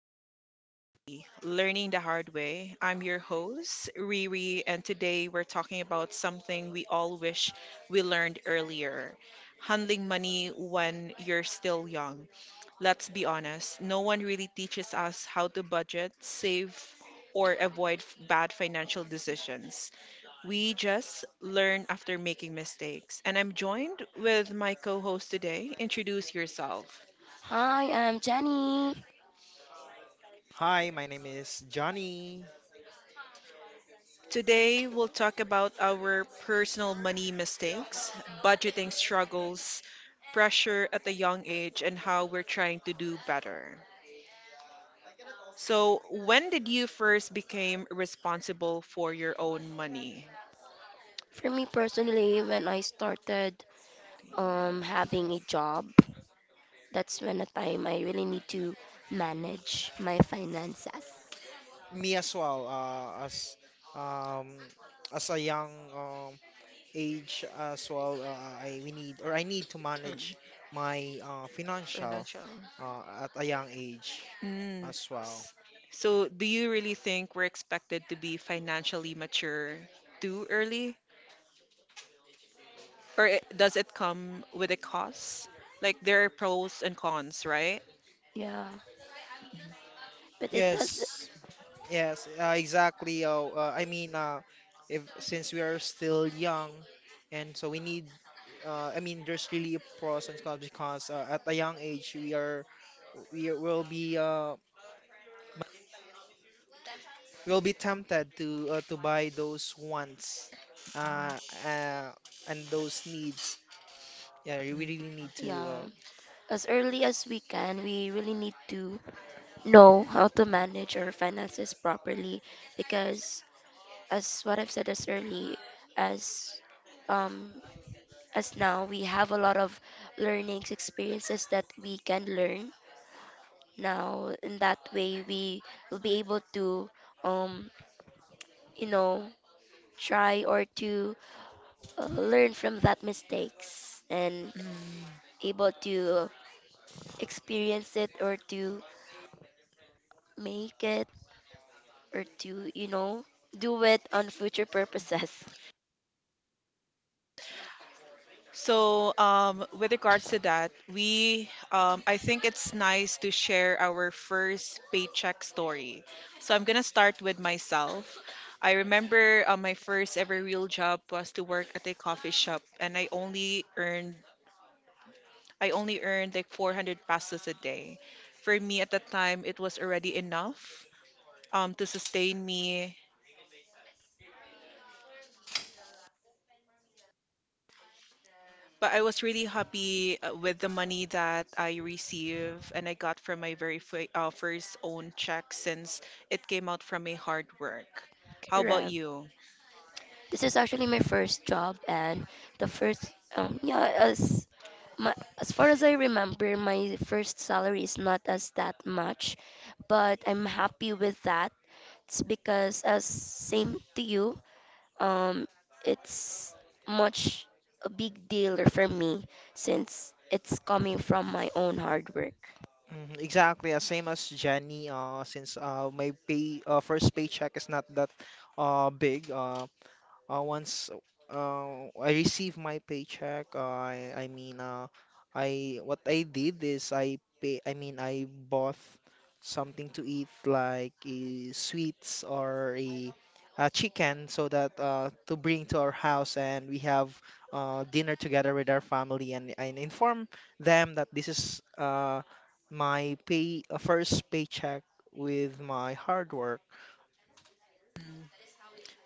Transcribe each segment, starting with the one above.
Money Before 30, Learning the Hard Way. I'm your host, Riri, and today we're talking about something we all wish we learned earlier, handling money when you're still young. Let's be honest, no one really teaches us how to budget, save, or avoid bad financial decisions. We just learn after making mistakes. And I'm joined with my co host today. Introduce yourself. Hi, I'm Jenny. Hi, my name is Johnny. Today, we'll talk about our personal money mistakes, budgeting struggles, pressure at a young age, and how we're trying to do better. So, when did you first became responsible for your own money? For me personally, when I started having a job, that's when the time I really need to manage my finances. Me as well, um, as a young age as well, I need to Mm. manage my financial Financial. At a young age Mm. as well. s- So, do you really think we're expected to be financially mature too early? Or it, does it come with a cost? Like, there are pros and cons, right? Yeah, but it does, Yes, yes, exactly. I mean, if since we are still young, and so we need. I mean, there's really pros and cons because at a young age we will be we'll be tempted to buy those wants uh, uh, and those needs. Yeah, we Mm. really need to. yeah. As early as we can, we really need to know how to manage our finances properly because, as what I've said as early as um, as now, we have a lot of learnings, experiences that we can learn. Now, in that way, we will be able to, um, you know, try or to learn from that mistakes and Mm. able to experience it or to make it or to, you know, do it on future purposes. So, with regards to that, I think it's nice to share our first paycheck story. So, I'm gonna start with myself. I remember my first ever real job was to work at a coffee shop, and I only earned like 400 pesos a day. For me at that time, it was already enough, to sustain me. But I was really happy with the money that I receive and I got from my very first own check since it came out from my hard work. How about Correct. you? This is actually my first job and the first, yeah, my, as far as I remember, my first salary is not as that much, but I'm happy with that. It's because as same to you, um, it's much a big deal for me since it's coming from my own hard work. Mhm, exactly, same as Jenny. Since my pay first paycheck is not that big. Once I receive my paycheck, I what I did is I pay I mean I bought something to eat like a sweets or a chicken so that to bring to our house and we have dinner together with our family, and inform them that this is my pay first paycheck with my hard work. Mm.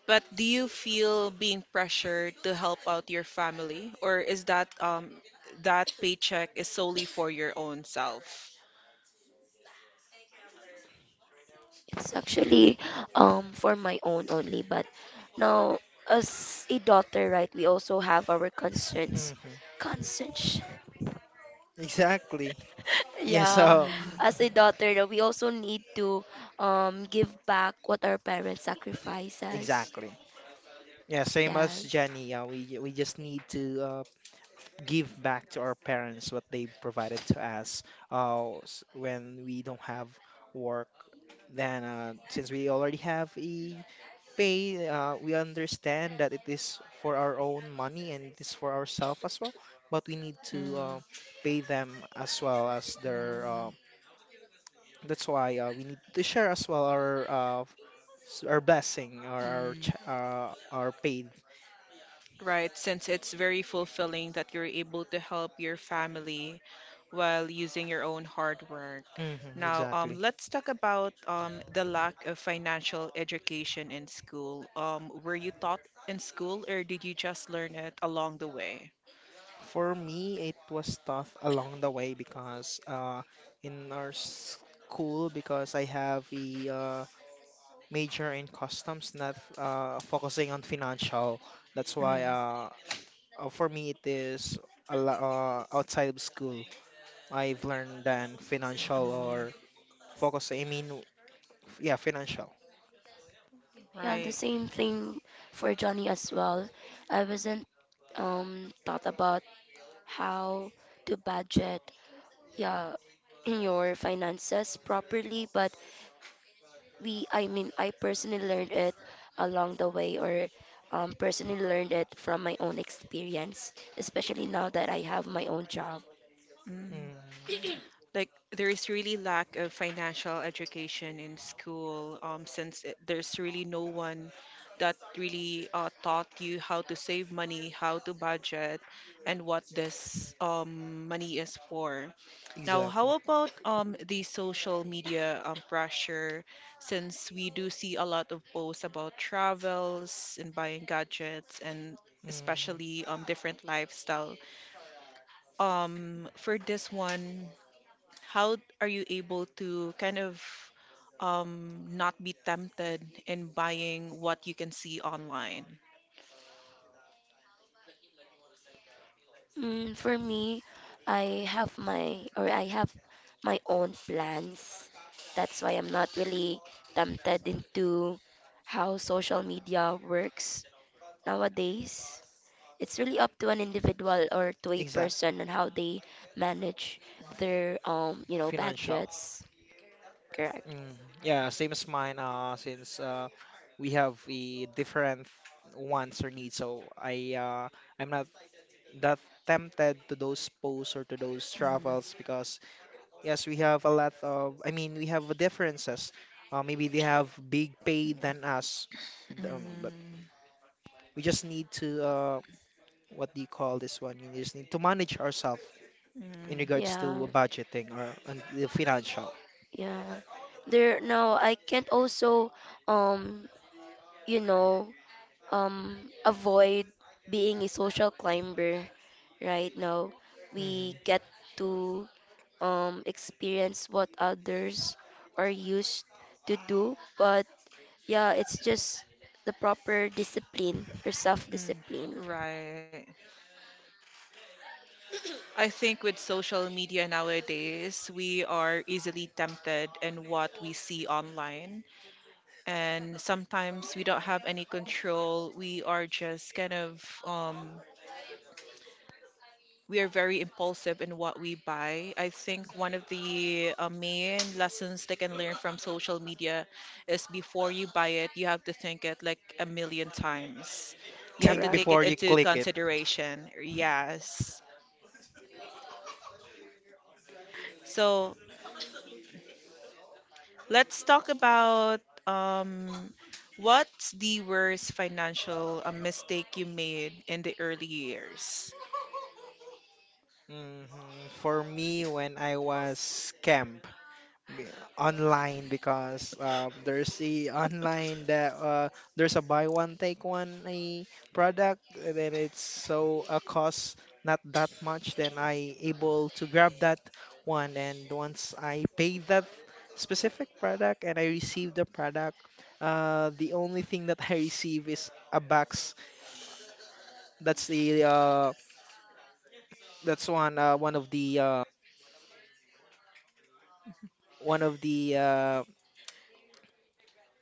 But do you feel being pressured to help out your family, or is that that paycheck is solely for your own self? It's actually for my own only, but now as a daughter, right, we also have our concerns. Hmm. Concerns. Exactly. Yeah, Yeah, so. Mm. as a daughter, that we also need to give back what our parents sacrifice us. Exactly. Yeah, same as Yes. Jenny. Yeah, we just need to give back to our parents what they provided to us. When we don't have work, then since we already have a pay, we understand that it is for our own money and it is for ourselves as well. But we need to Mm. pay them as well as their. Mm. That's why we need to share as well our our blessing or our Mm, our paid. right? Since it's very fulfilling that you're able to help your family while using your own hard work. Hmm, Now, exactly. let's talk about the lack of financial education in school. Were you taught in school, or did you just learn it along the way? For me, it was tough along the way because in our school, because I have a major in customs, not focusing on financial. That's Mm. why for me it is a lo- outside of school. I've learned than financial or Mm, focus. I mean, yeah, financial. Yeah, the right. same thing for Johnny as well. I wasn't thought about how to budget, yeah, your finances properly, but we I mean I personally learned it along the way or personally learned it from my own experience, especially now that I have my own job. Mm, Like, there is really lack of financial education in school, since there's really no one that really taught you how to save money, how to budget, and what this money is for. Now, exactly. how about the social media pressure, since we do see a lot of posts about travels and buying gadgets, and Hmm. especially different lifestyle. Um, for this one, how are you able to kind of not be tempted in buying what you can see online? Mm, for me, I have my own plans. That's why I'm not really tempted into how social media works nowadays. It's really up to an individual or to a Exact. person on how they manage their you know, Financial. budgets. Correct. Mm, yeah, same as mine. Since we have a different wants or needs, so I'm not that tempted to those posts or to those travels Mhm. because yes, we have a lot of. I mean, we have differences. Maybe they have big pay than us, but Mm. we just need to what do you call this one? You just need to manage ourselves Mm. in regards Yeah, to budgeting or on the financial. yeah. There, no, I can't also, um, you know, um, avoid being a social climber right now. We Mhm. get to experience what others are used to do, but yeah, it's just the proper discipline or Mm. self-discipline. Right. I think with social media nowadays, we are easily tempted in what we see online. And sometimes we don't have any control. We are just kind of we are very impulsive in what we buy. I think one of the main lessons they can learn from social media is, before you buy it, you have to think it like a million times. You have to Think Correct. take before it you into click it. consideration. Yes. So, let's talk about um, what's the worst financial mistake you made in the early years? Mhm. For me, when I was online, because there's a online that there's a buy one take one a product, and then it's so a cost not that much. Then I able to grab that one, and once I paid that specific product and I received the product, the only thing that I receive is a box. That's the that's one one of the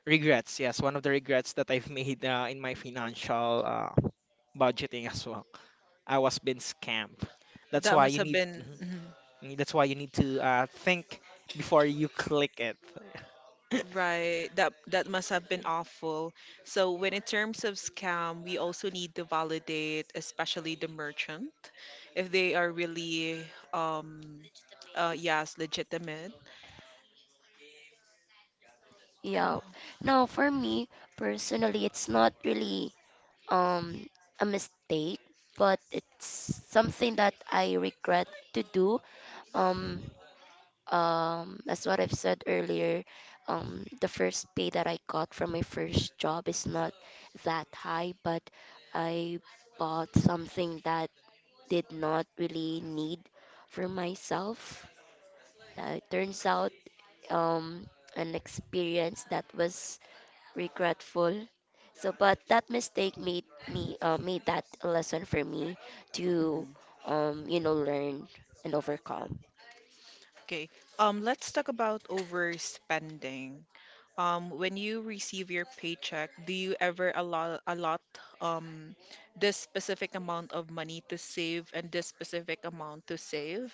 regrets, yes, one of the regrets that I've made in my financial budgeting as well. I was being scammed. That's That why must you have need. been. Mhm, Mm-hmm. mhm, that's why you need to think before you click it. Right. That that must have been awful. So when in terms of scam, we also need to validate, especially the merchant, if they are really um, uh, yes, legitimate. Go. Yeah. Now, for me personally, it's not really um a mistake, but it's something that I regret to do. Um, as what I've said earlier, the first pay that I got from my first job is not that high, but I bought something that did not really need for myself. It turns out um an experience that was regretful. So, but that mistake made me made that a lesson for me to Mhm. You know learn and overcome. Okay. Let's talk about overspending. When you receive your paycheck, do you ever allot um, this specific amount of money to save and this specific amount to save?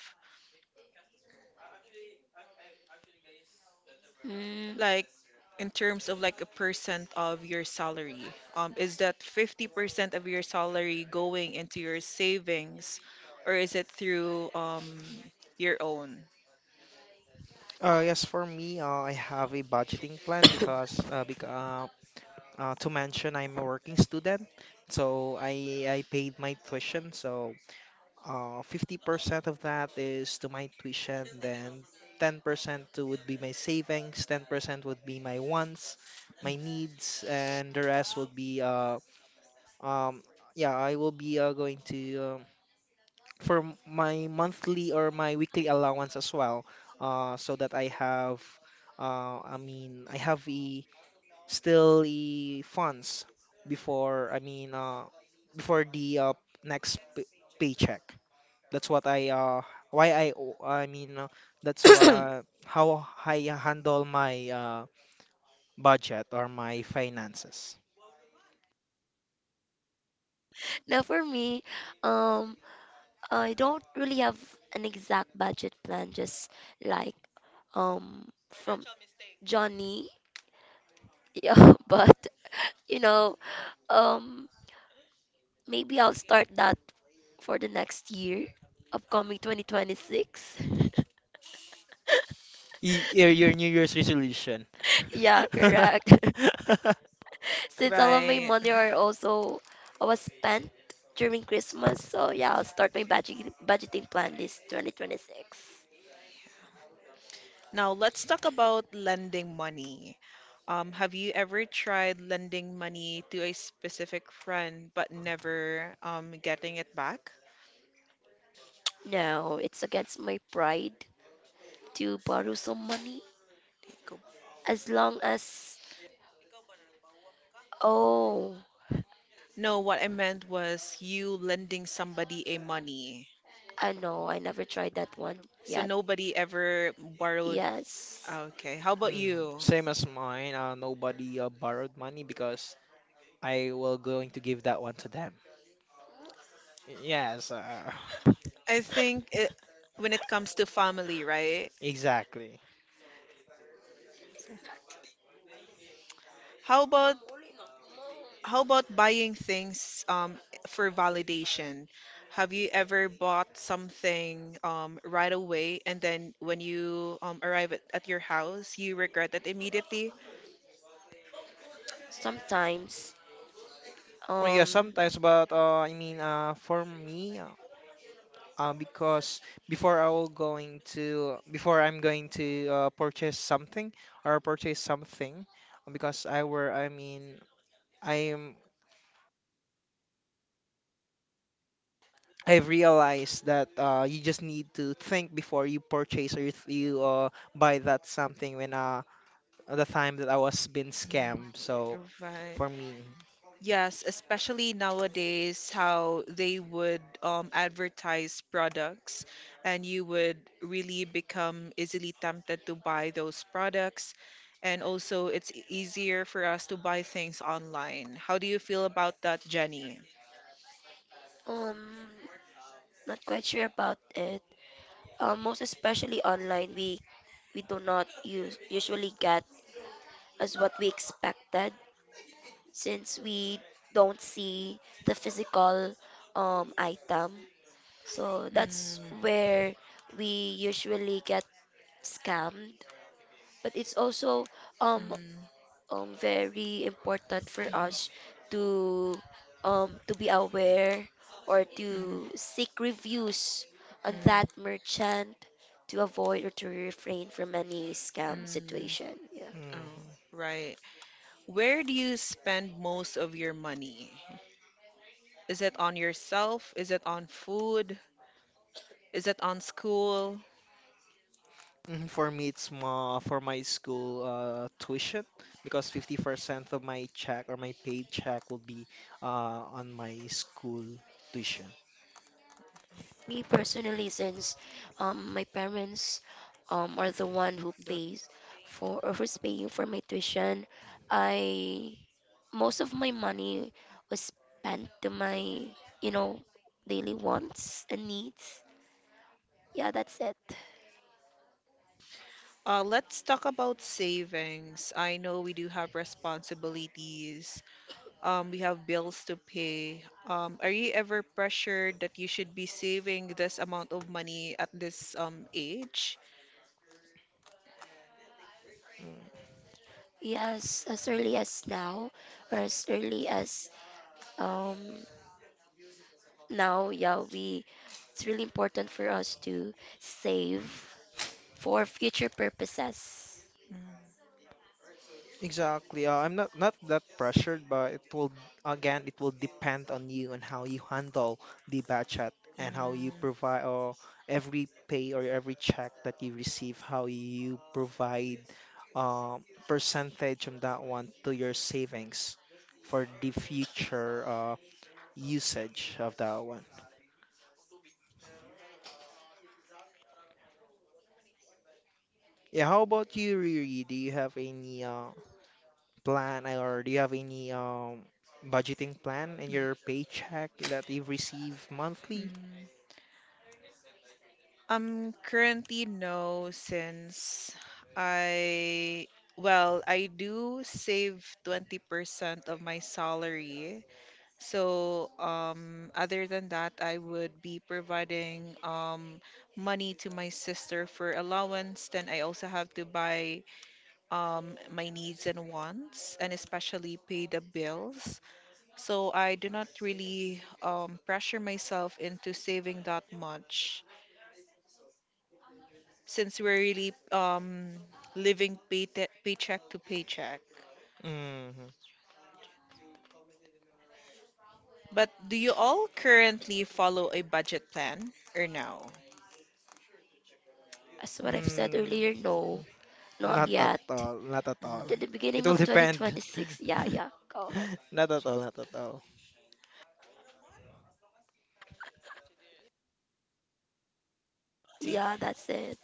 Mm. Like, in terms of like a percent of your salary, is that 50% of your salary going into your savings, or is it through your own? Yes, for me, I have a budgeting plan because, bec to mention, I'm a working student, so I paid my tuition, so 50% of that is to my tuition, then 10% would be my savings, 10% would be my wants, my needs, and the rest would be um yeah, I will be going to for my monthly or my weekly allowance as well, so that I have I have a still a funds before I mean before the next p paycheck. That's what I why I o- I mean that's why how I handle my budget or my finances. Now for me, um, I don't really have an exact budget plan, just like from Johnny. Yeah, but you know, um, maybe I'll start that for the next year, upcoming 2026. Your New Year's resolution. Yeah, correct. Since all of my Right. money are also I was spent during Christmas, so yeah, I'll start my budgeting plan this 2026. Now, let's talk about lending money. Have you ever tried lending money to a specific friend but never getting it back? No, it's against my pride to borrow some money, Go. as long as, oh, No, what I meant was you lending somebody a money. I know I never tried that one So yet. nobody ever borrowed. Yes. Okay, how about Mm, you? same as mine. Nobody borrowed money because I will going to give that one to them. Yes, I think it, when it comes to family, right? exactly. How about, how about buying things um, for validation? Have you ever bought something um, right away and then when you um, arrive at your house, you regret it immediately? Sometimes, Well, yeah, um sometimes, but I mean, for me. Because before I'm going to purchase something or purchase something because I am I've realized that you just need to think before you purchase or you, th- you buy that something when the time that I was been scammed so Mhm. Right. for me. Yes, especially nowadays, how they would advertise products, and you would really become easily tempted to buy those products. And also, it's easier for us to buy things online. How do you feel about that, Jenny? um not quite sure about it. Most especially online, we do not use usually get as what we expected since we don't see the physical item. So that's Mm. where we usually get scammed, but it's also um Mm. Very important for Mhm. us to to be aware or Mhm. to seek reviews on that merchant to avoid or to refrain from any scam Mm. Mm. situation. Yeah. Oh, Mhm. right. Where do you spend most of your money? Is it on yourself? Is it on food? Is it on school? Mhm, for me, it's more for my school tuition because 50% of my check or my paid check will be on my school tuition. Me personally, since my parents are the one who The. pays for or who's paying for my tuition, I, most of my money was spent to my, you know, daily wants and needs. Yeah, that's it. Let's talk about savings. I know we do have responsibilities. We have bills to pay. Are you ever pressured that you should be saving this amount of money at this um, age? Yes, as early as now, or as early as um now, yeah, we, it's really important for us to save for future purposes. Mm. Exactly. I'm not that pressured, but it will again it will depend on you and how you handle the budget and how you Mm. provide or every pay or every check that you receive, how you provide uh, percentage on that one to your savings for the future usage of that one. Yeah, how about you, Riri? Do you have any plan or do you have any budgeting plan in your Mm. paycheck that you receive monthly? Mm. Currently no, since I, well, I do save 20% of my salary. So, other than that, I would be providing um, money to my sister for allowance. Then I also have to buy um, my needs and wants, and especially pay the bills. So I do not really um, pressure myself into saving that much, since we're really living paycheck to paycheck. Mm-hmm. But do you all currently follow a budget plan or no? As what I've said Mm, earlier, no, not not at Mm-mm. yet. all. Not at But all. in the It beginning will of depend. 2026, yeah, yeah. Go ahead. Not at all. Not at all. See, Yeah, that's it.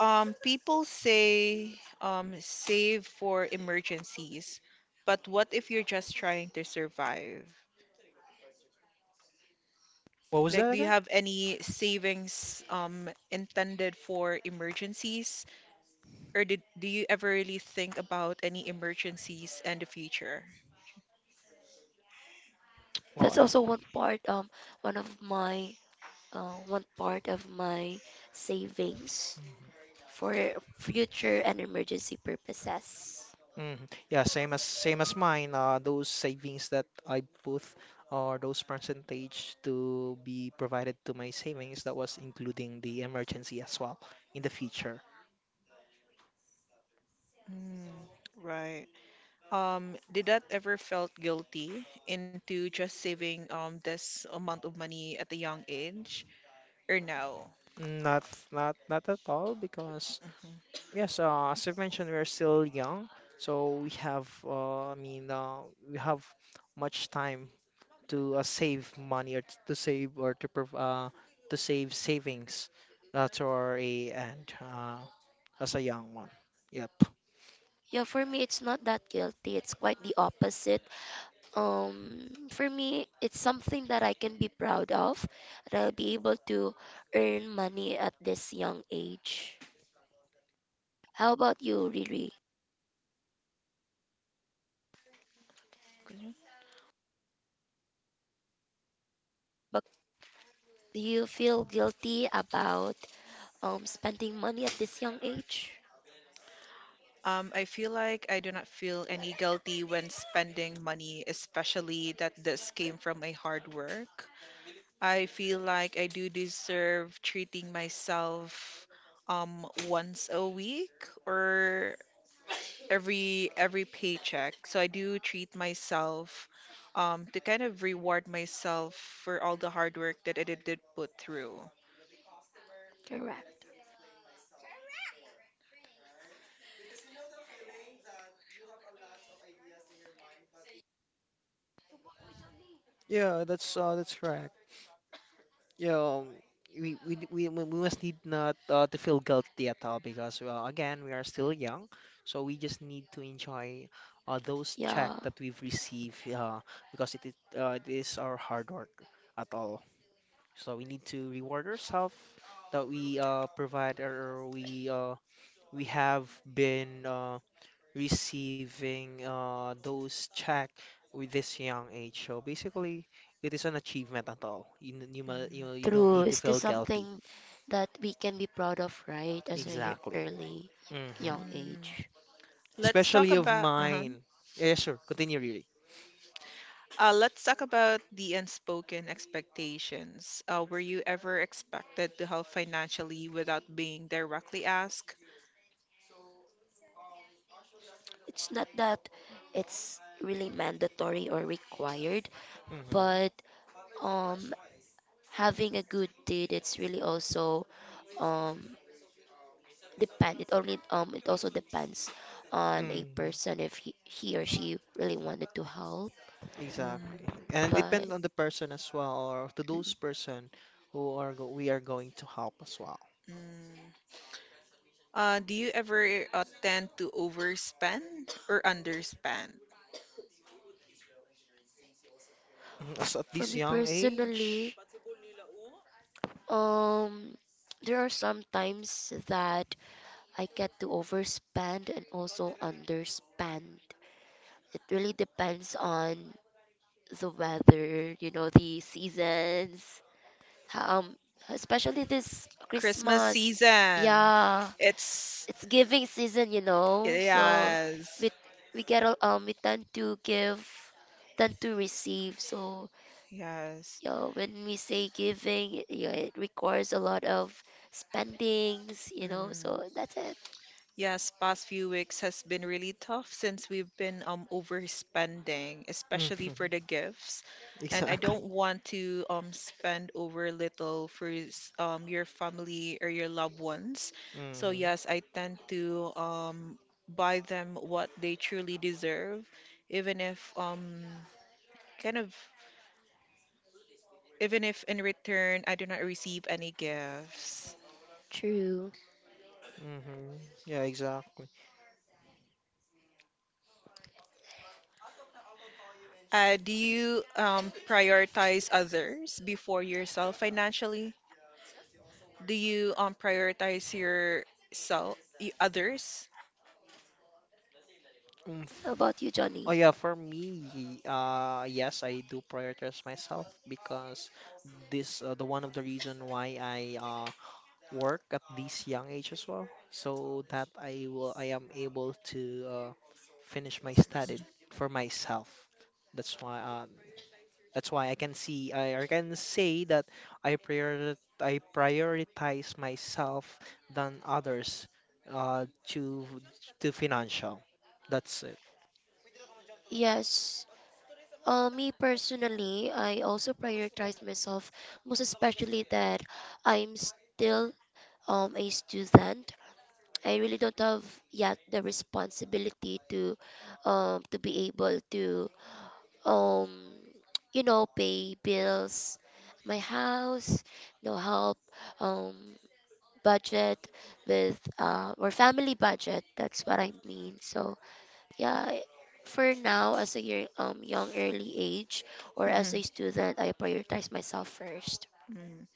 people say save for emergencies, but what if you're just trying to survive? What was Like, that do you again? have any savings intended for emergencies, or did do you ever really think about any emergencies and the future? Oh, That's also one part, one of my, one part of my savings for future and emergency purposes. hmm. Yeah, same as mine. Those savings that I put or those percentage to be provided to my savings, that was including the emergency as well in the future. Mm, right. Did that ever felt guilty into just saving um, this amount of money at a young age or no? Not Not not at all because Mhm. yes, as I mentioned, we're still young, so we have we have much time to save money or to save or to to save savings to our a and as a young one. Yep. Yeah, for me, it's not that guilty. It's quite the opposite. For me, it's something that I can be proud of, that I'll be able to earn money at this young age. How about you, Riri? Continue. But do you feel guilty about spending money at this young age? I feel like I do not feel any guilty when spending money, especially that this came from my hard work. I feel like I do deserve treating myself um, once a week or every paycheck. So I do treat myself to kind of reward myself for all the hard work that did put through. Correct. Yeah, that's correct. Yeah, we d- we must need not to feel guilty at all because well, again we are still young, so we just need to enjoy those check Yeah, that we've received because it is our hard work at all. So we need to reward ourselves that we provide or we have been receiving those check with this young age. So basically, it is an achievement at all. You know Mm. you don't true. need to Is this feel guilty. something that we can be proud of, right? As a Mm. Exactly. early Hmm. young Mm. age. Let's talk Especially of about uh-huh. mine. Yeah, yeah, sure. Continue, really. Let's talk about the unspoken expectations. Were you ever expected to help financially without being directly asked? It's not that it's really mandatory or required, Mm-hmm. but um having a good deed, it's really also um depend it only it also depends on a Mm-hmm. person if he or she really wanted to help, Mm. Exactly. And but depend on the person as well, or to those mm, person who are go we are going to help as well. Mm. Do you ever tend to overspend or underspend? Mhm, as at for this me young personally, age. um there are some times that I get to overspend and also underspend. It really depends on the weather, you know, the seasons, um especially this Christmas Christmas. season. Yeah, It's it's giving season, you know. So yes, we we we tend to give, tend to receive. So yes. yeah, when we say giving, yeah, it requires a lot of spendings, you know. Mm. So that's it. Yes, past few weeks has been really tough since we've been um, overspending, Hmm. especially for the gifts. And I Exactly. don't want to um, spend over little for um, your family or your loved ones. So Hmm. yes, I tend to um, buy them what they truly deserve, even if um, kind of, even if in return I do not receive any gifts. True. Hmm. Yeah, exactly. Do you prioritize others before yourself financially? Do you prioritize yourself, others? Mm, How f- about you, Oh Johnny? yeah, for me, yes, I do prioritize myself because this the one of the reason why I work at this young age as well, so that I am able to uh finish my study for myself. That's why that's why I can say that I prior I prioritize myself than others uh to to financial. That's it. Yes. Me personally, I also prioritize myself, most especially that I'm still a student. I really don't have yet the responsibility to be able to um you know pay bills, my house, no, help um budget with or family budget. That's what I mean. So yeah, I- for now as a year, young early age or as Mhm. a student, I prioritize myself first. Mhm.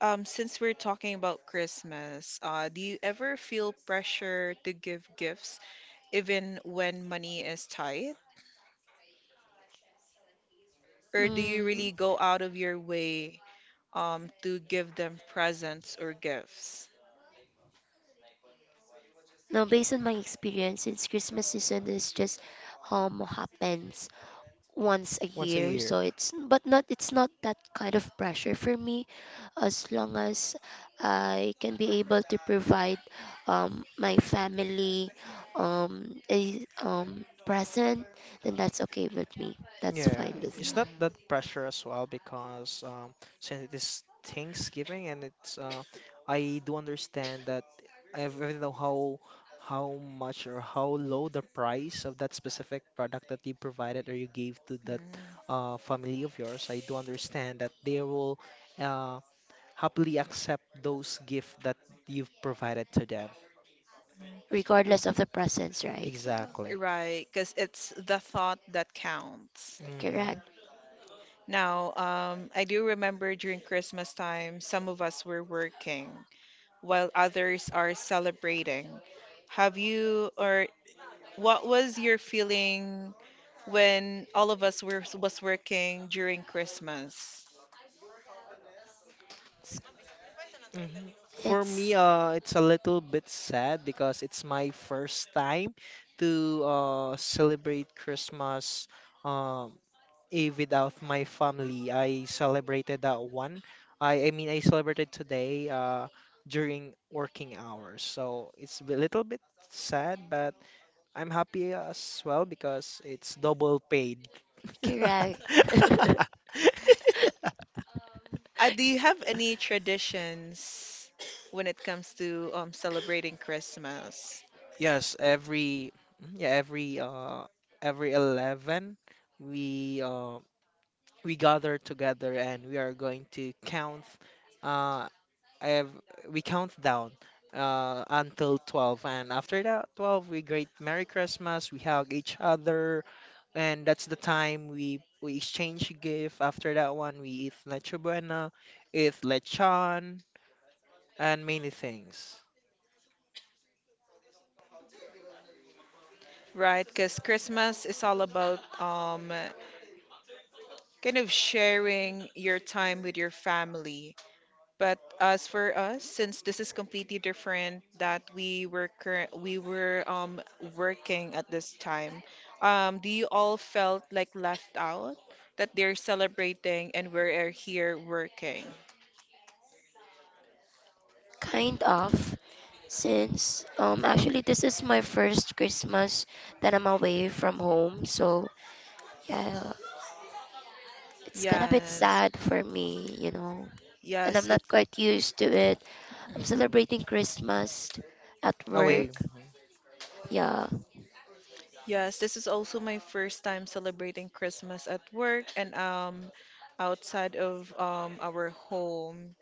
Since we're talking about Christmas, do you ever feel pressure to give gifts even when money is tight? Or do you Mm, really go out of your way to give them presents or gifts? now based on my experience, since Christmas season is just happens once a Once a year, year. so it's, but not, it's not that kind of pressure for me. As long as I can be able to provide my family a present, then that's okay with me, that's Yeah, fine with Mm. it's me, not that pressure as well because since it is Thanksgiving and it's I do understand that even though how much or how low the price of that specific product that you provided or you gave to that Mm. Family of yours, I do understand that they will uh, happily accept those gifts that you've provided to them. regardless of the presents, right? Yeah, Exactly. Right, because it's the thought that counts. Hmm. correct. Now, I do remember during Christmas time, some of us were working while others are celebrating. Have you, or what was your feeling when all of us were was working during Christmas? it's, Mhm. For me, it's it's a little bit sad because it's my first time to celebrate Christmas um, Eve without my family. I celebrated that one. I mean, I celebrated today during working hours. So it's a little bit sad, but I'm happy as well because it's double paid. correct. Do you have any traditions when it comes to celebrating Christmas? Yes, every mm, yeah, every 11 we uh we gather together and we are going to count uh I have we count down until 12 and after that 12 we greet Merry Christmas, we hug each other and that's the time we exchange gift. After that one we eat Nacho Buena, eat lechon and many things. Right, because Christmas is all about kind of sharing your time with your family. But as for us, since this is completely different that we were um, working at this time, do you all felt like left out that they're celebrating and we're here working? Kind of, since actually this is my first Christmas that I'm away from home, so yeah, it's kind of bit Yes, sad for me, you know. And I'm yes. not quite used to it. I'm Mm. Mm-hmm. celebrating Christmas at work. Away. Yeah. Yes, this is also my first time celebrating Christmas at work and um, outside of um, our home.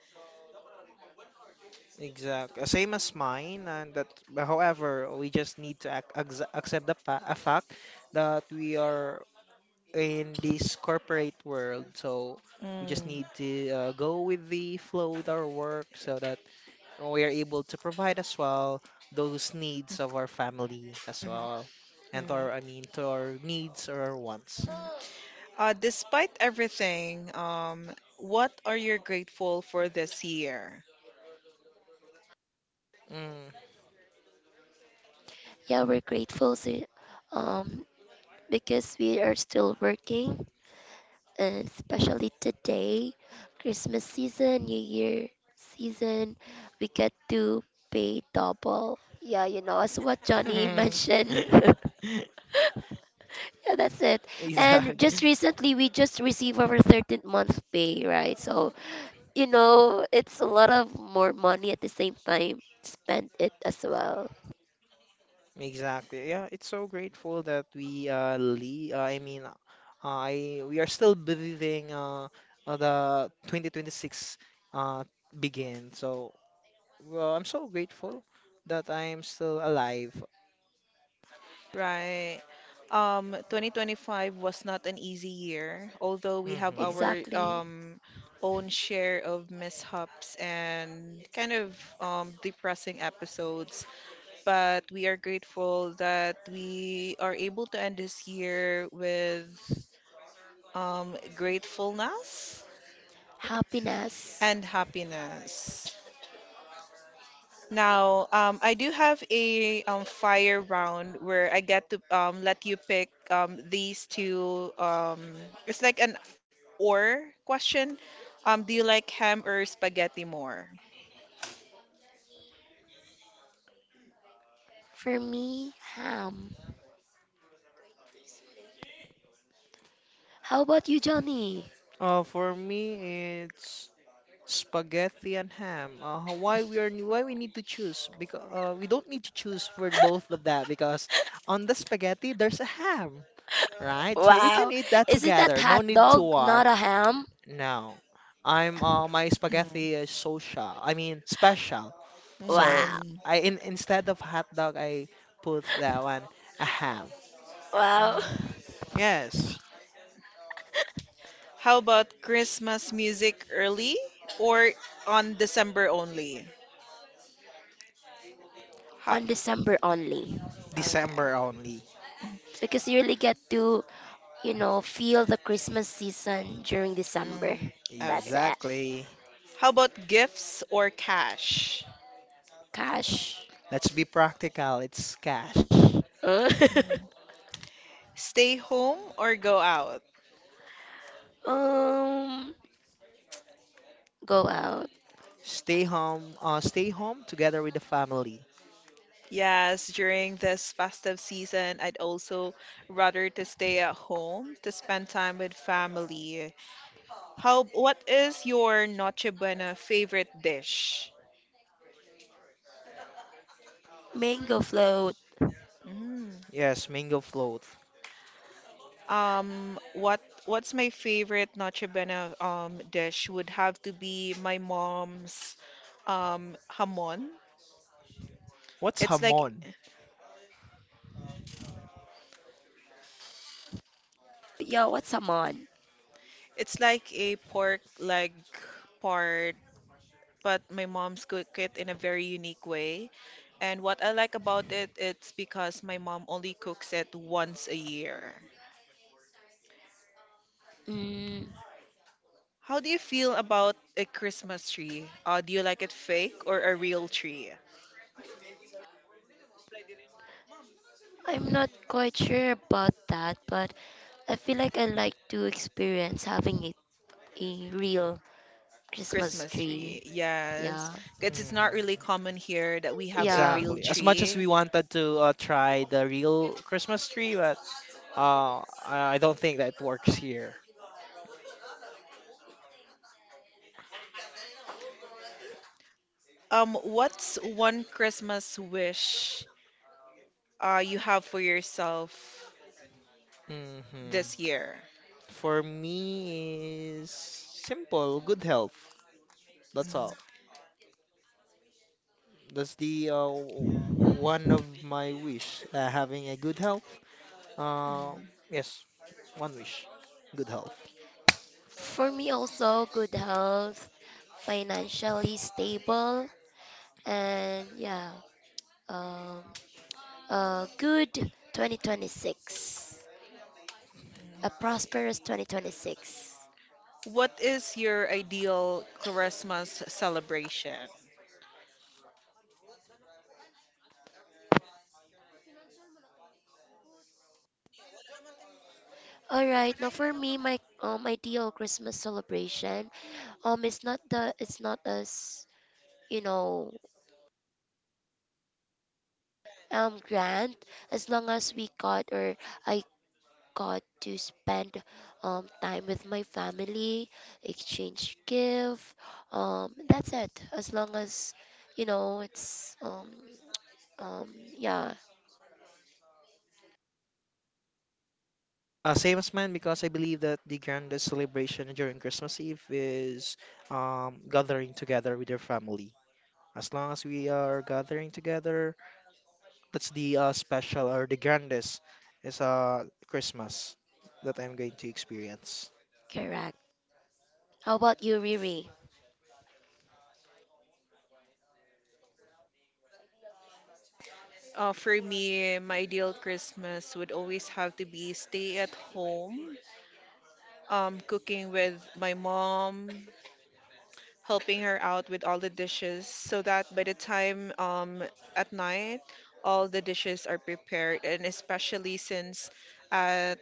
Exact, same as mine, and that. But however, we just need to accept the fa a fact that we are in this corporate world, so we just Mm. need to go with the flow with our work, so that we are able to provide as well those needs of our family as Mhm. well, and Mm. our I mean to our needs or our wants. Despite everything, what are you grateful for this year? Yeah, we're grateful to, um because we are still working, and especially today, Christmas season, New Year season, we get to pay double. Yeah, you know, as what Johnny Mm. mentioned. Yeah, that's it. And Exact. just recently, we just received our 13th month pay, right? So, you know, it's a lot of more money at the same time. Spend it as well. Exactly. Yeah, it's so grateful that we le I mean I we are still breathing the 2026 uh begin. So well, I'm so grateful that I'm still alive. Right. 2025 was not an easy year, although we have Mm-hmm. our Exactly. Own share of mishaps and kind of depressing episodes. But we are grateful that we are able to end this year with gratefulness Happiness. and happiness. Now, I do have a fire round where I get to let you pick these two. It's like an or question. Do you like ham or spaghetti more? For me, ham. How about you, Johnny? For me, it's spaghetti and ham. Why we are why we need to choose? Because we don't need to choose for both of that because on the spaghetti there's a ham, right? So we can Wow. eat that Isn't that together. No hot need to dog not war. a ham? No, I'm my Mm. spaghetti is social. I mean special. So Wow. Mm. Instead of hot dog, I put that one a ham. Wow. Mm. Yes, How about Christmas music early or on December only? How, On December only. okay. December only. Because you really get to, you know, feel the Christmas season during December. Mm, okay. That's it. Exactly. How about gifts or cash? Cash. Let's be practical. It's cash. Uh, Mm. Stay home or go out? um, go out. Stay home. Stay home together with the family. Yes, during this festive season, I'd also rather to stay at home to spend time with family. How, what is your Noche Buena favorite dish? Mango float. Mm. Yes, mango float. Um, what what's my favorite Noche Buena um, dish would have to be my mom's um, hamon. What's It's like, hamon? Yo, what's a mon? it's like a pork leg, but my mom's cook it in a very unique way. And what I like about it, it's because my mom only cooks it once a year. Mm, How do you feel about a Christmas tree? Do you like it fake or a real tree? I'm not quite sure about that, but I feel like I like to experience having it a real Christmas Christmas tree. tree, yes. Yeah. Because it's not really Hmm. common here that we have a Yeah. real Exactly. As much as tree. we wanted to try the real Christmas tree, but I don't think that works here. What's one Christmas wish you have for yourself hmm this year? For me is simple, good health. That's all. Mhm. That's the one of my wish. Having a good health. Uh, Mhm. yes, one wish. Good health. For me also good health, financially stable, and yeah, um a good 2026, a prosperous 2026. What is your ideal Christmas celebration? All right. Now for me, my ideal Christmas celebration, it's not as, you know, grand. As long as we got or I got to spend time with my family, exchange gift. That's it. As long as, you know, it's um yeah. Same as mine because I believe that the grandest celebration during Christmas Eve is gathering together with your family. As long as we are gathering together, that's the special or the grandest is Christmas that I'm going to experience. Correct. How about you, Riri? For me, my ideal Christmas would always have to be stay at home, cooking with my mom, helping her out with all the dishes, so that by the time at night, all the dishes are prepared. And especially since at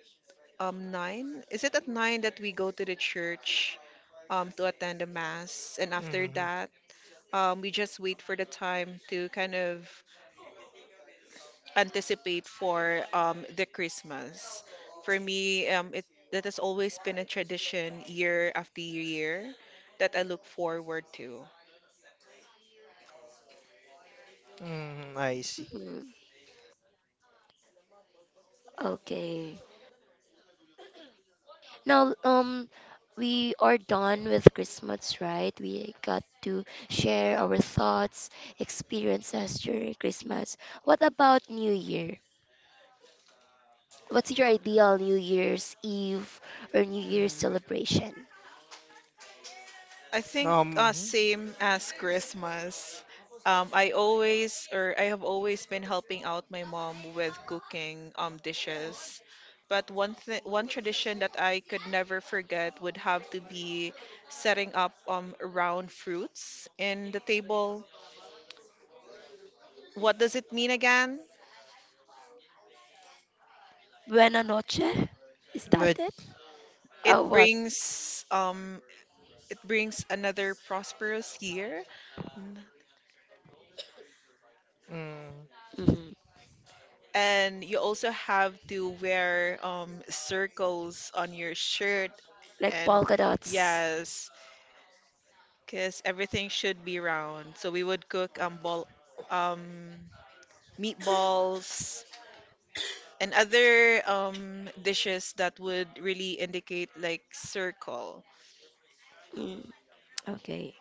9, is it at 9 that we go to the church to attend the mass? And after hmm that, we just wait for the time to kind of anticipate for the Christmas. For me, it that has always been a tradition year after year that I look forward to. I see. Mhm. Okay. Now, we are done with Christmas, right? We got to share our thoughts, experiences during Christmas. What about New Year? What's your ideal New Year's Eve or New Mm. Year's celebration? I think Um, same as Christmas. I always or I have always been helping out my mom with cooking dishes. But one tradition that I could never forget would have to be setting up round fruits in the table. What does it mean again? Buena noche. Is that which, it? It Oh, what? brings um it brings another prosperous year. mm, Hmm. And you also have to wear circles on your shirt. Like And polka dots. yes, because everything should be round. So we would cook ball, um, meatballs and other dishes that would really indicate like circle. Mm, okay.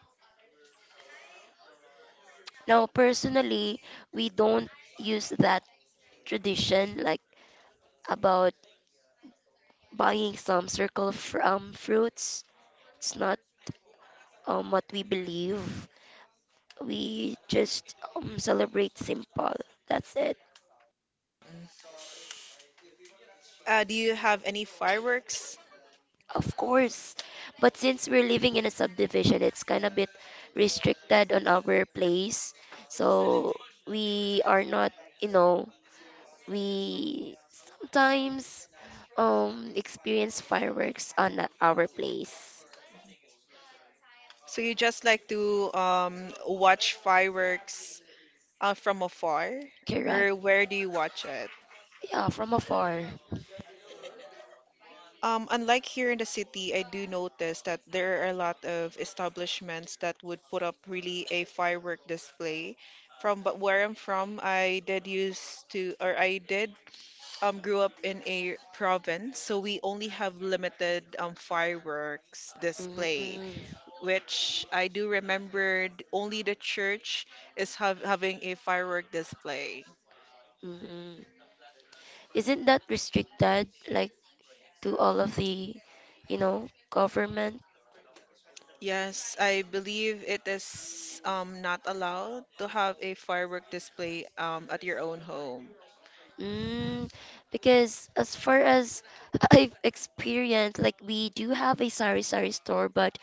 Now, personally, we don't use that tradition, like about buying some circle from fruits. It's not what we believe. We just celebrate simple. That's it. Do you have any fireworks? Of course. But since we're living in a subdivision, it's kind of bit restricted on our place. So we are not, you know, we sometimes experience fireworks on our place. So you just like to watch fireworks from afar, Correct. or where do you watch it? Yeah, from afar. Unlike here in the city, I do notice that there are a lot of establishments that would put up really a firework display. From but where I'm from, I did used to, or I did grew up in a province, so we only have limited fireworks display, Mm-mm, which I do remember only the church having a firework display. mm-mm. Isn't that restricted? Like, to all of the, you know, government. Yes, I believe it is not allowed to have a firework display at your own home. Mm, because as far as I've experienced, like we do have a sari-sari store, but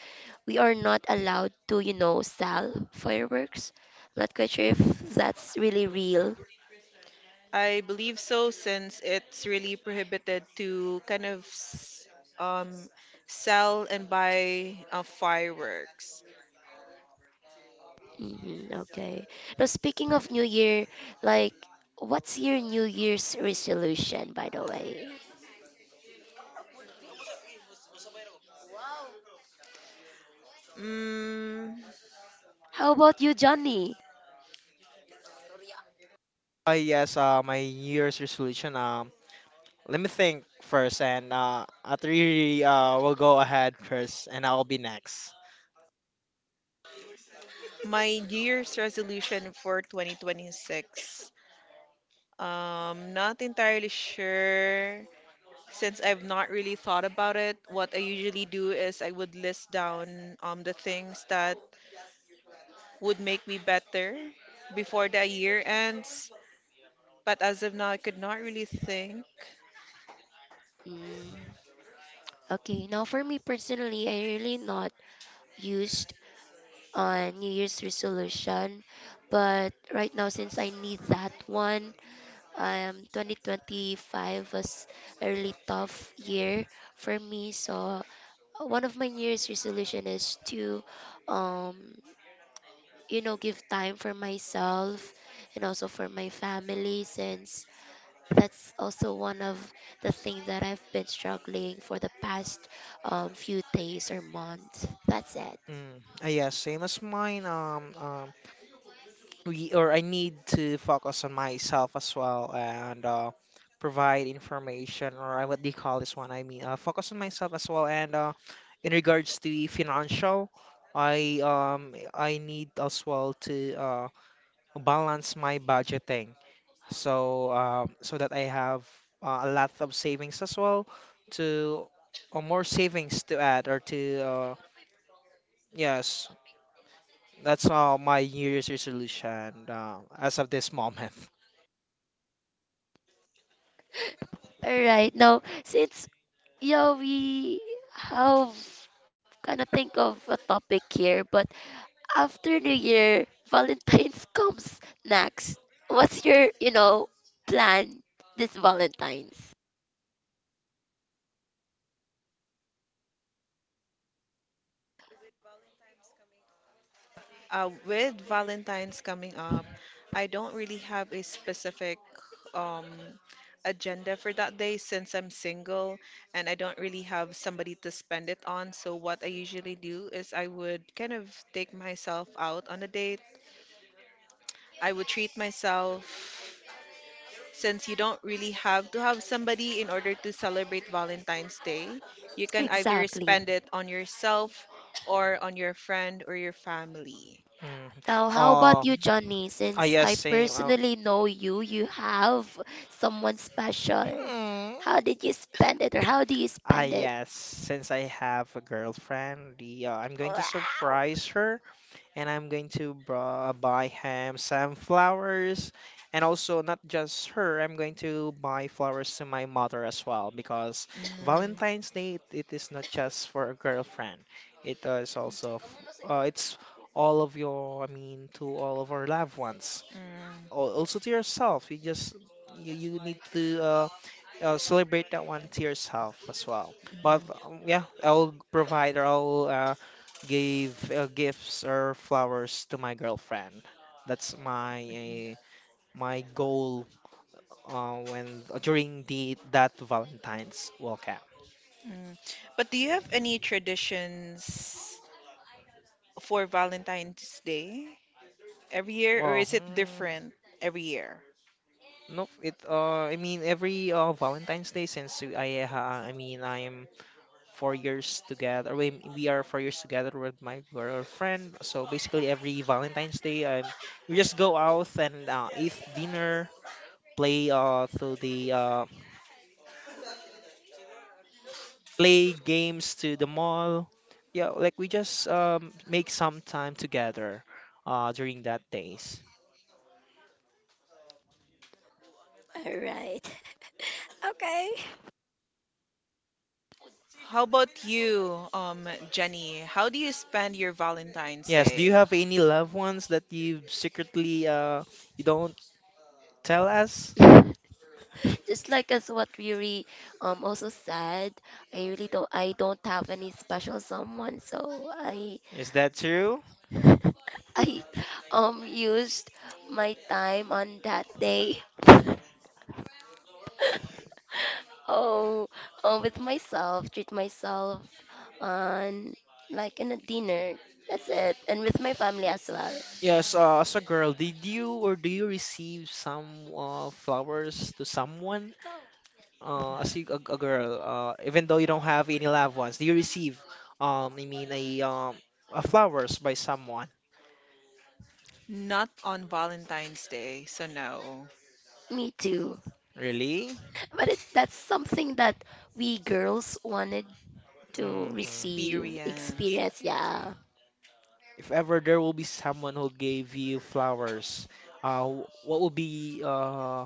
we are not allowed to, you know, sell fireworks. Not quite sure if that's really real. I believe so, since it's really prohibited to kind of um, sell and buy fireworks. Hmm, okay. Now, speaking of New Year, like, what's your New Year's resolution, by the way? Mm, How about you, Johnny? I guess my New Year's resolution. Let me think first, and after you, will go ahead first, and I'll be next. my New Year's resolution for 2026. Not entirely sure since I've not really thought about it. What I usually do is I would list down the things that would make me better before the year ends. But as of now, I could not really think. Mm, okay. Now, for me personally, I really not used on New Year's resolution. But right now, since I need that one, 2025 was a really tough year for me. So one of my New Year's resolution is to, um, you know, give time for myself and also for my family, since that's also one of the things that I've been struggling for the past few days or months. That's it. Mm, yeah, same as mine. We or I need to focus on myself as well and provide information or what do you call this one? I mean, focus on myself as well. And in regards to the financial, I need as well to balance my budgeting so that I have a lot of savings as well to or more savings to add or to yes. That's all my New Year's resolution as of this moment. All right. Now, since yeah, we have kind of think of a topic here, but after New Year, Valentine's comes next. What's your, you know, plan this Valentine's? With Valentine's coming up, I don't really have a specific um, agenda for that day since I'm single and I don't really have somebody to spend it on. So, what I usually do is I would kind of take myself out on a date. I would treat myself, since you don't really have to have somebody in order to celebrate Valentine's Day. You can either Exactly. spend it on yourself or on your friend or your family. Mm. Now, how about Oh, you, Johnny? Since yes, I same. Personally know you, you have someone special. hmm. How did you spend it, or how do you spend it? Yes. Since I have a girlfriend, the I'm going to Wow. surprise her, and I'm going to buy him some flowers, and also not just her. I'm going to buy flowers to my mother as well because Mm, mm, Valentine's Day it is not just for a girlfriend. It is also it's all of your, I mean, to all of our loved ones. Also to yourself you just you need to celebrate that one to yourself as well but mm, yeah I'll provide or I'll give gifts or flowers to my girlfriend that's my mm, my goal when during the that valentine's welcome. mm. But do you have any traditions for Valentine's Day every year, or Well, is it different every year? nope it I mean every Valentine's Day since I mean I'm 4 years together. We are 4 years together with my girlfriend. So basically, every Valentine's Day, we just go out and eat dinner, play uh to the uh play games to the mall. Yeah, like we just make some time together, during that days. All right. How about you, Jenny? How do you spend your Valentine's Yes. Do you Day? have any loved ones that you secretly you don't tell us? Okay, just like as what Riri also said, I don't have any special someone, so I Is that true? I used my time on that day. Oh, with myself, treat myself on like in a dinner. That's it, and with my family as well. Yes, as a girl, did you or do you receive some flowers to someone? As Mm-hmm. you, a girl, even though you don't have any loved ones, do you receive, I mean, a flowers by someone? Not on Valentine's Day, so no. Me too. Really? But it, that's something that we girls wanted to hmm receive, Experience. experience. Yeah. If ever there will be someone who gave you flowers, what would be, uh,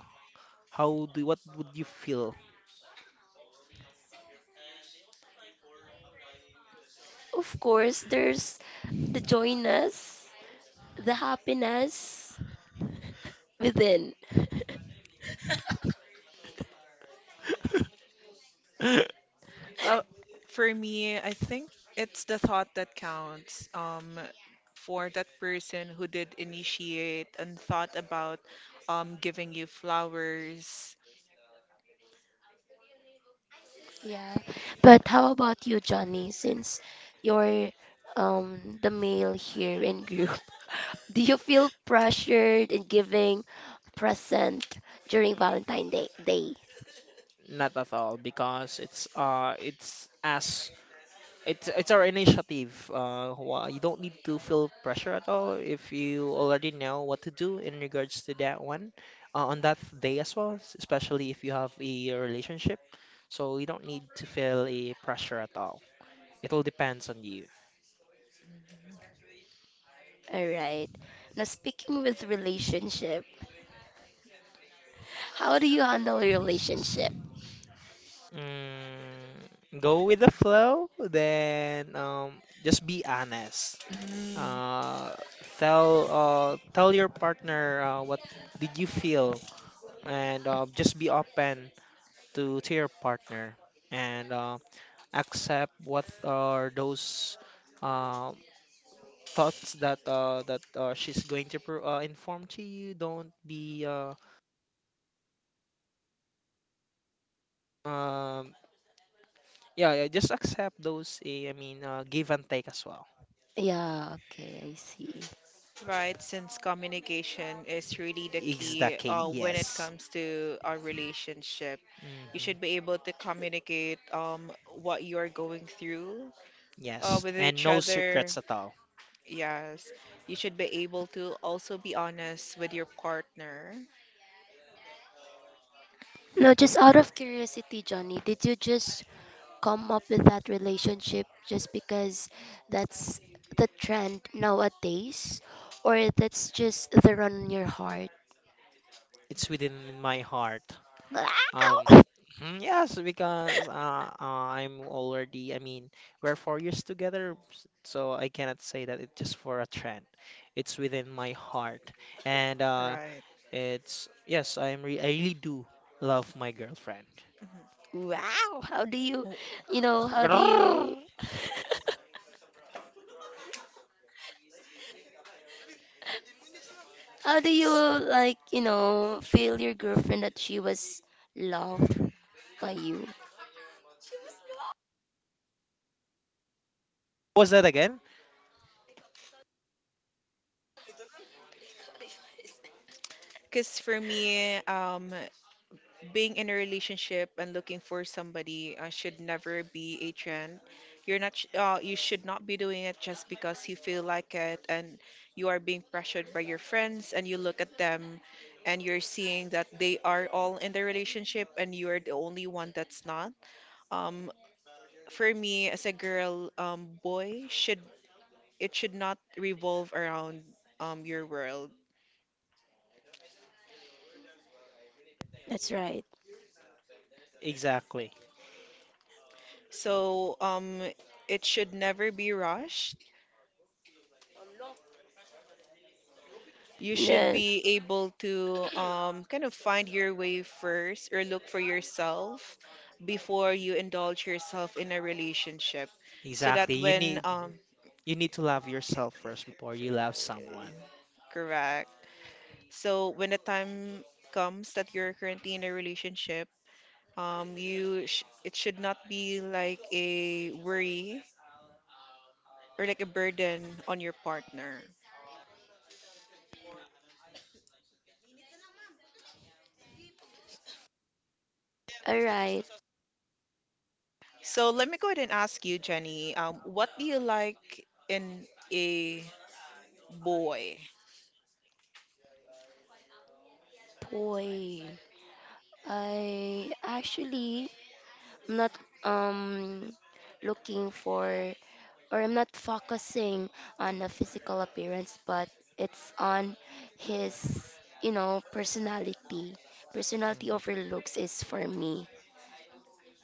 how do, what would you feel? Of course, there's the joyness, the happiness within. Uh, for me, I think it's the thought that counts. For that person who did initiate and thought about giving you flowers. Yeah. But how about you, Johnny? Since you're the male here in group, do you feel pressured in giving present during Valentine Day? Day? Not at all, because it's as it's our initiative. You don't need to feel pressure at all if you already know what to do in regards to that one, on that day as well, especially if you have a relationship. So you don't need to feel a pressure at all. It all depends on you. All right. Now speaking with relationship, how do you handle your relationship? Mm, go with the flow, then just be honest. Mhm. Uh, tell uh, tell your partner what did you feel, and just be open to your partner and accept what are those um thoughts that she's going to inform to you. Don't be um, yeah, yeah, just accept those. I mean, give and take as well. Yeah, okay, I see. Right, since communication is really the Is the key key, when it yes. comes to a relationship. You hmm should be able to communicate what you're going through Yes, with and each no other. secrets at all. Yes, you should be able to also be honest with your partner, No, just out of curiosity, Johnny, did you just come up with that relationship just because that's the trend nowadays, or that's just the run on your heart? It's within my heart. Wow! Um, mhm, yes, because I'm already, I mean, we're 4 years together, so I cannot say that it's just for a trend. It's within my heart. And right? Yes, I really do love my girlfriend. Mhm. Wow! How do you, you know, Grrrr. How do you, like, you know, feel your girlfriend that she was loved by you? What's that again? Because for me, being in a relationship and looking for somebody should never be a trend. You should not be doing it just because you feel like it and you are being pressured by your friends and you look at them and you're seeing that they are all in the relationship and you are the only one that's not. Um, for me as a girl, boy should it should not revolve around your world. That's right. Exactly. So it should never be rushed. You should Yeah, be able to kind of find your way first or look for yourself before you indulge yourself in a relationship. So Exactly. that when You need to love yourself first before you love someone. Correct. So when the time comes that you're currently in a relationship, you sh it should not be like a worry or like a burden on your partner. alright. So let me go ahead and ask you, Jenny, what do you like in a boy? Boy, I actually, I'm not, um, looking for, or I'm not focusing on a physical appearance, but it's on his, you know, personality. Personality Mm. overlooks is for me.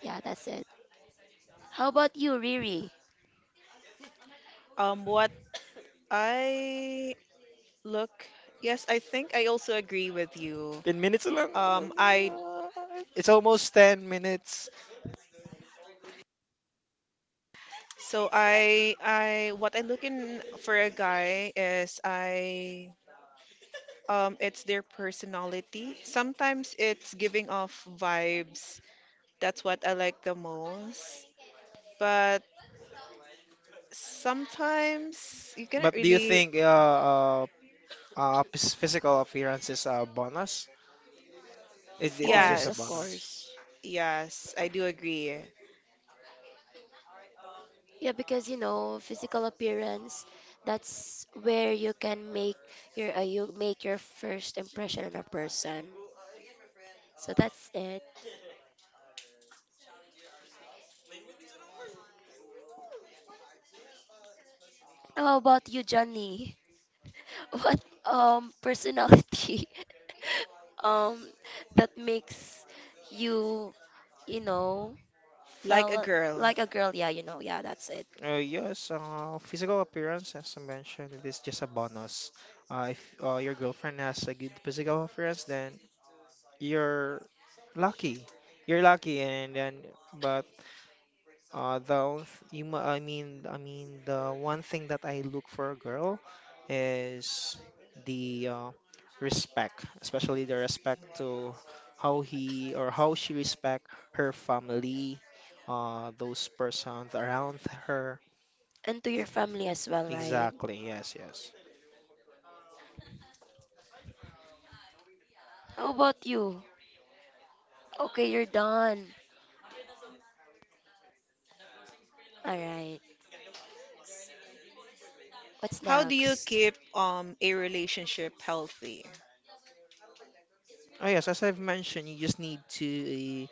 Yeah, that's it. How about you, Riri? Um, what I look, yes, I think I also agree with you. 10 minutes lang. I uh, It's almost 10 minutes. so I what I look in for a guy is I it's their personality. Sometimes it's giving off vibes. That's what I like the most. But sometimes you cannot But do you really. think uh physical appearance is a bonus. It, Of it is just course, a of Yes, bonus. course. yes, I do agree. Yeah, because you know, physical appearance, that's where you can make you make your first impression on a person. So that's it. How about you, Johnny? What personality um that makes you, you know, Like a felt girl. like a girl, yeah, you know, yeah, that's it. Yes, physical appearance, as I mentioned, it is just a bonus. If your girlfriend has a good physical appearance, then you're lucky. You're lucky, and then, but the only th- you, mu- I mean, the one thing that I look for a girl is the respect, especially the respect to how he or how she respect her family, those persons around her. And to your family as well, right? Exactly. Yes. Yes. How about you? Okay, you're done. All right, what's How do you next? keep a relationship healthy? Oh yes, as I've mentioned, you just need to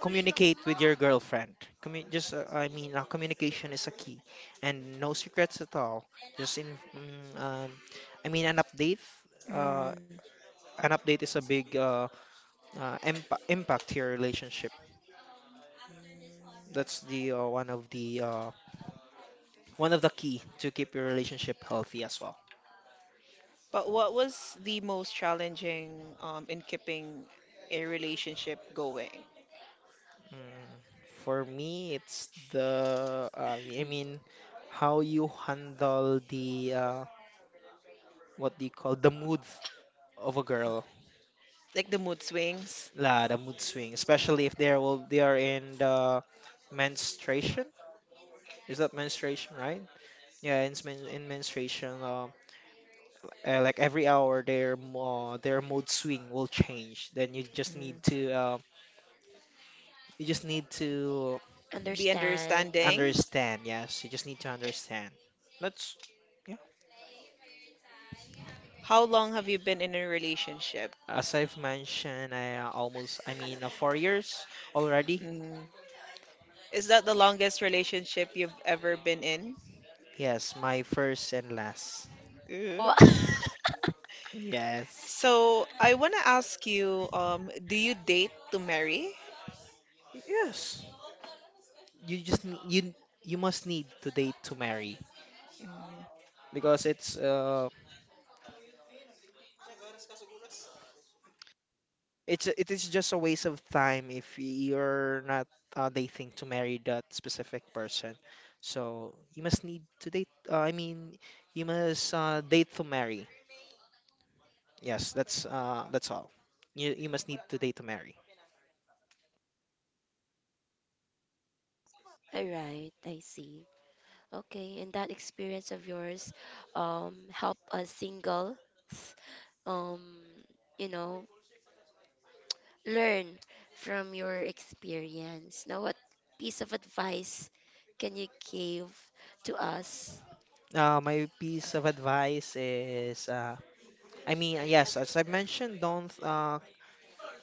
communicate with your girlfriend. I mean, communication is a key, and no secrets at all. Just in, mm, um, I mean, an update. Uh, Mm. an update is a big impact to your relationship. That's the one of the key to keep your relationship healthy as well. But what was the most challenging in keeping a relationship going? Mm, for me, it's the I mean, how you handle the what do you call the mood of a girl. Like the mood swings, The mood swing, especially if they are in the menstruation. Is that menstruation, right? Yeah, in menstruation, like every hour, their mood swing will change. Then you just need mm. to you just need to The Understand. understanding. understand. Yes, you just need to understand. That's yeah. How long have you been in a relationship? As I've mentioned, I almost I mean 4 years already. Mm. Is that the longest relationship you've ever been in? Yes, my first and last. Oh, Ugh. Yes. So I want to ask you, do you date to marry? Yes. you just ne- you must need to date to marry Mm, because it is just a waste of time if you're not dating to marry that specific person. So you must need to date. I mean, you must date to marry. Yes, that's all. You must need to date to marry. all right, I see. Okay, and that experience of yours help a single um you know, learn from your experience. Now, what piece of advice can you give to us? My piece of advice is as I mentioned, don't, uh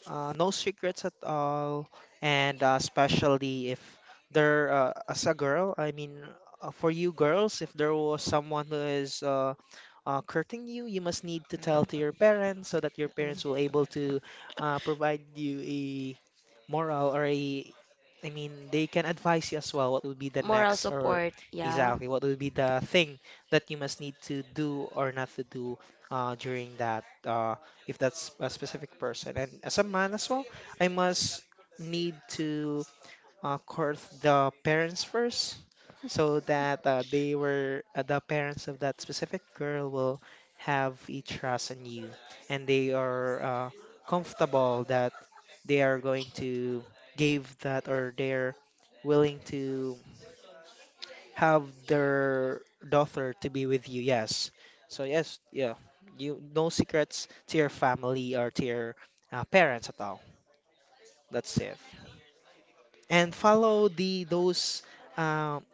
uh, no secrets at all, and especially if there, as a girl, I mean, for you girls, if there was someone who is courting you, you must need to tell to mm, your parents so that your parents will mm. able to provide you a moral or a, I mean, they can advise you as well what would be the Moral next or support, yeah. exactly what would be the thing that you must need to do or not to do during that. If that's a specific person. And as a man as well, I must need to court the parents first so that they were the parents of that specific girl will have a trust in you and they are comfortable that they are going to give that or they're willing to have their daughter to be with you. Yes. So yes, yeah. You no secrets to your family or to your parents at all. That's it. And um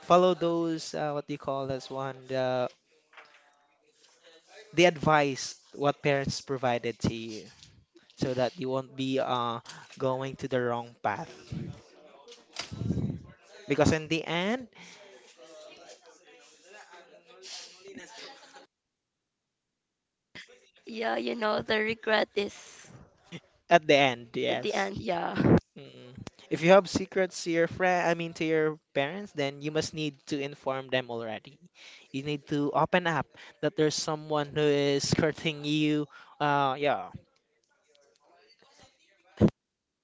follow those what do you call this one the advice what parents provided to you so that you won't be going to the wrong path. Because in the end, Yeah, you know, the regret is at the end, at the yes. end, yeah. Mm. If you have secrets to your friend, I mean to your parents, then you must need to inform them already. You need to open up that there's someone who is courting you. Yeah,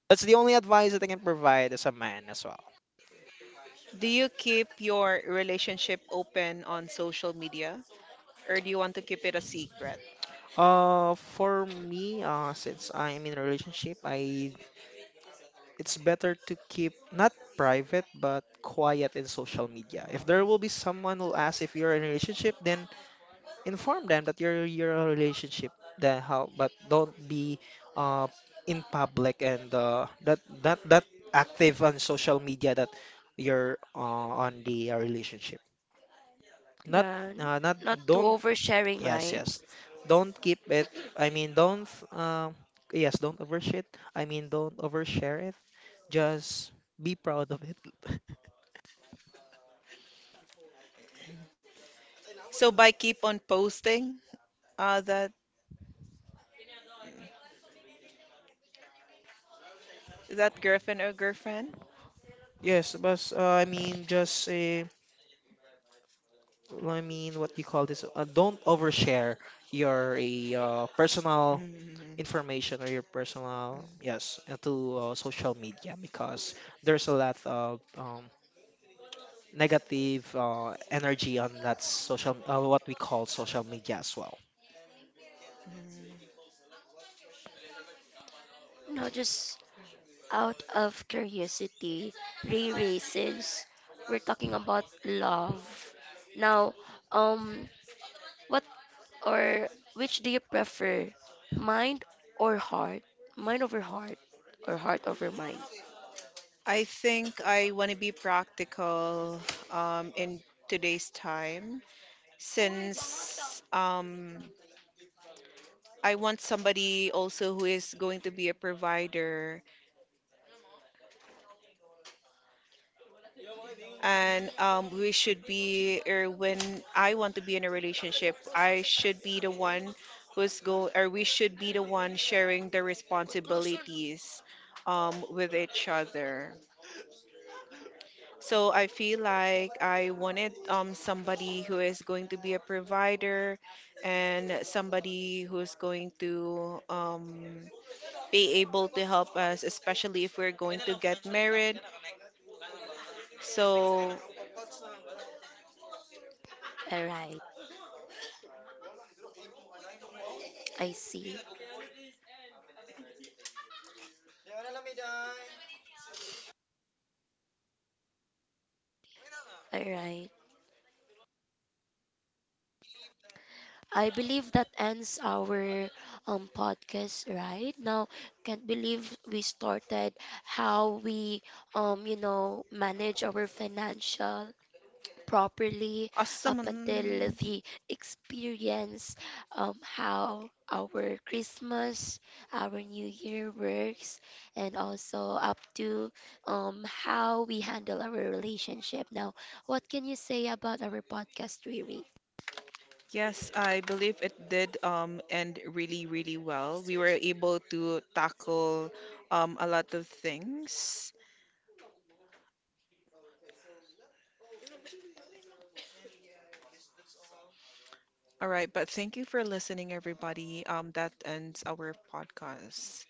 that's the only advice that I can provide as a man as well. Do you keep your relationship open on social media, or do you want to keep it a secret? For me, since I'm in a relationship, I it's better to keep not private but quiet in social media. If there will Mm-hmm. be someone who'll ask if you're in a relationship, then inform them that you're in a relationship then how but don't be uh in public and that that that active on social media that you're on the relationship, not Yeah, uh, not not too don't. oversharing, Yes, right? yes, don't keep it, I mean don't yes don't overshare it, i mean don't overshare it just be proud of it. So by keep on posting, that that girlfriend or girlfriend? Yes, but I mean just well, I mean, what do you call this? Don't overshare your personal Mm, information or your personal, mm, yes, to social media because there's a lot of negative energy on that social, what we call social media as well. mm. No, just out of curiosity, Riri, since we're talking about love. Now, um, what, or which do you prefer, mind or heart? Mind over heart or heart over mind? I think I want to be practical in today's time since I want somebody also who is going to be a provider. And we should be, or when I want to be in a relationship, I should be the one or we should be the one sharing the responsibilities with each other. So I feel like I wanted somebody who is going to be a provider and somebody who's going to be able to help us, especially if we're going to get married. So All right, I see. All right. I believe that ends our podcast right now. Can't believe we started how we you know manage our financial properly up until awesome. the experience, how our Christmas, our New Year works, and also up to how we handle our relationship. Now, what can you say about our podcast, Riri? Yes, I believe it did end really, really well. We were able to tackle a lot of things. All right, but thank you for listening, everybody. That ends our podcast.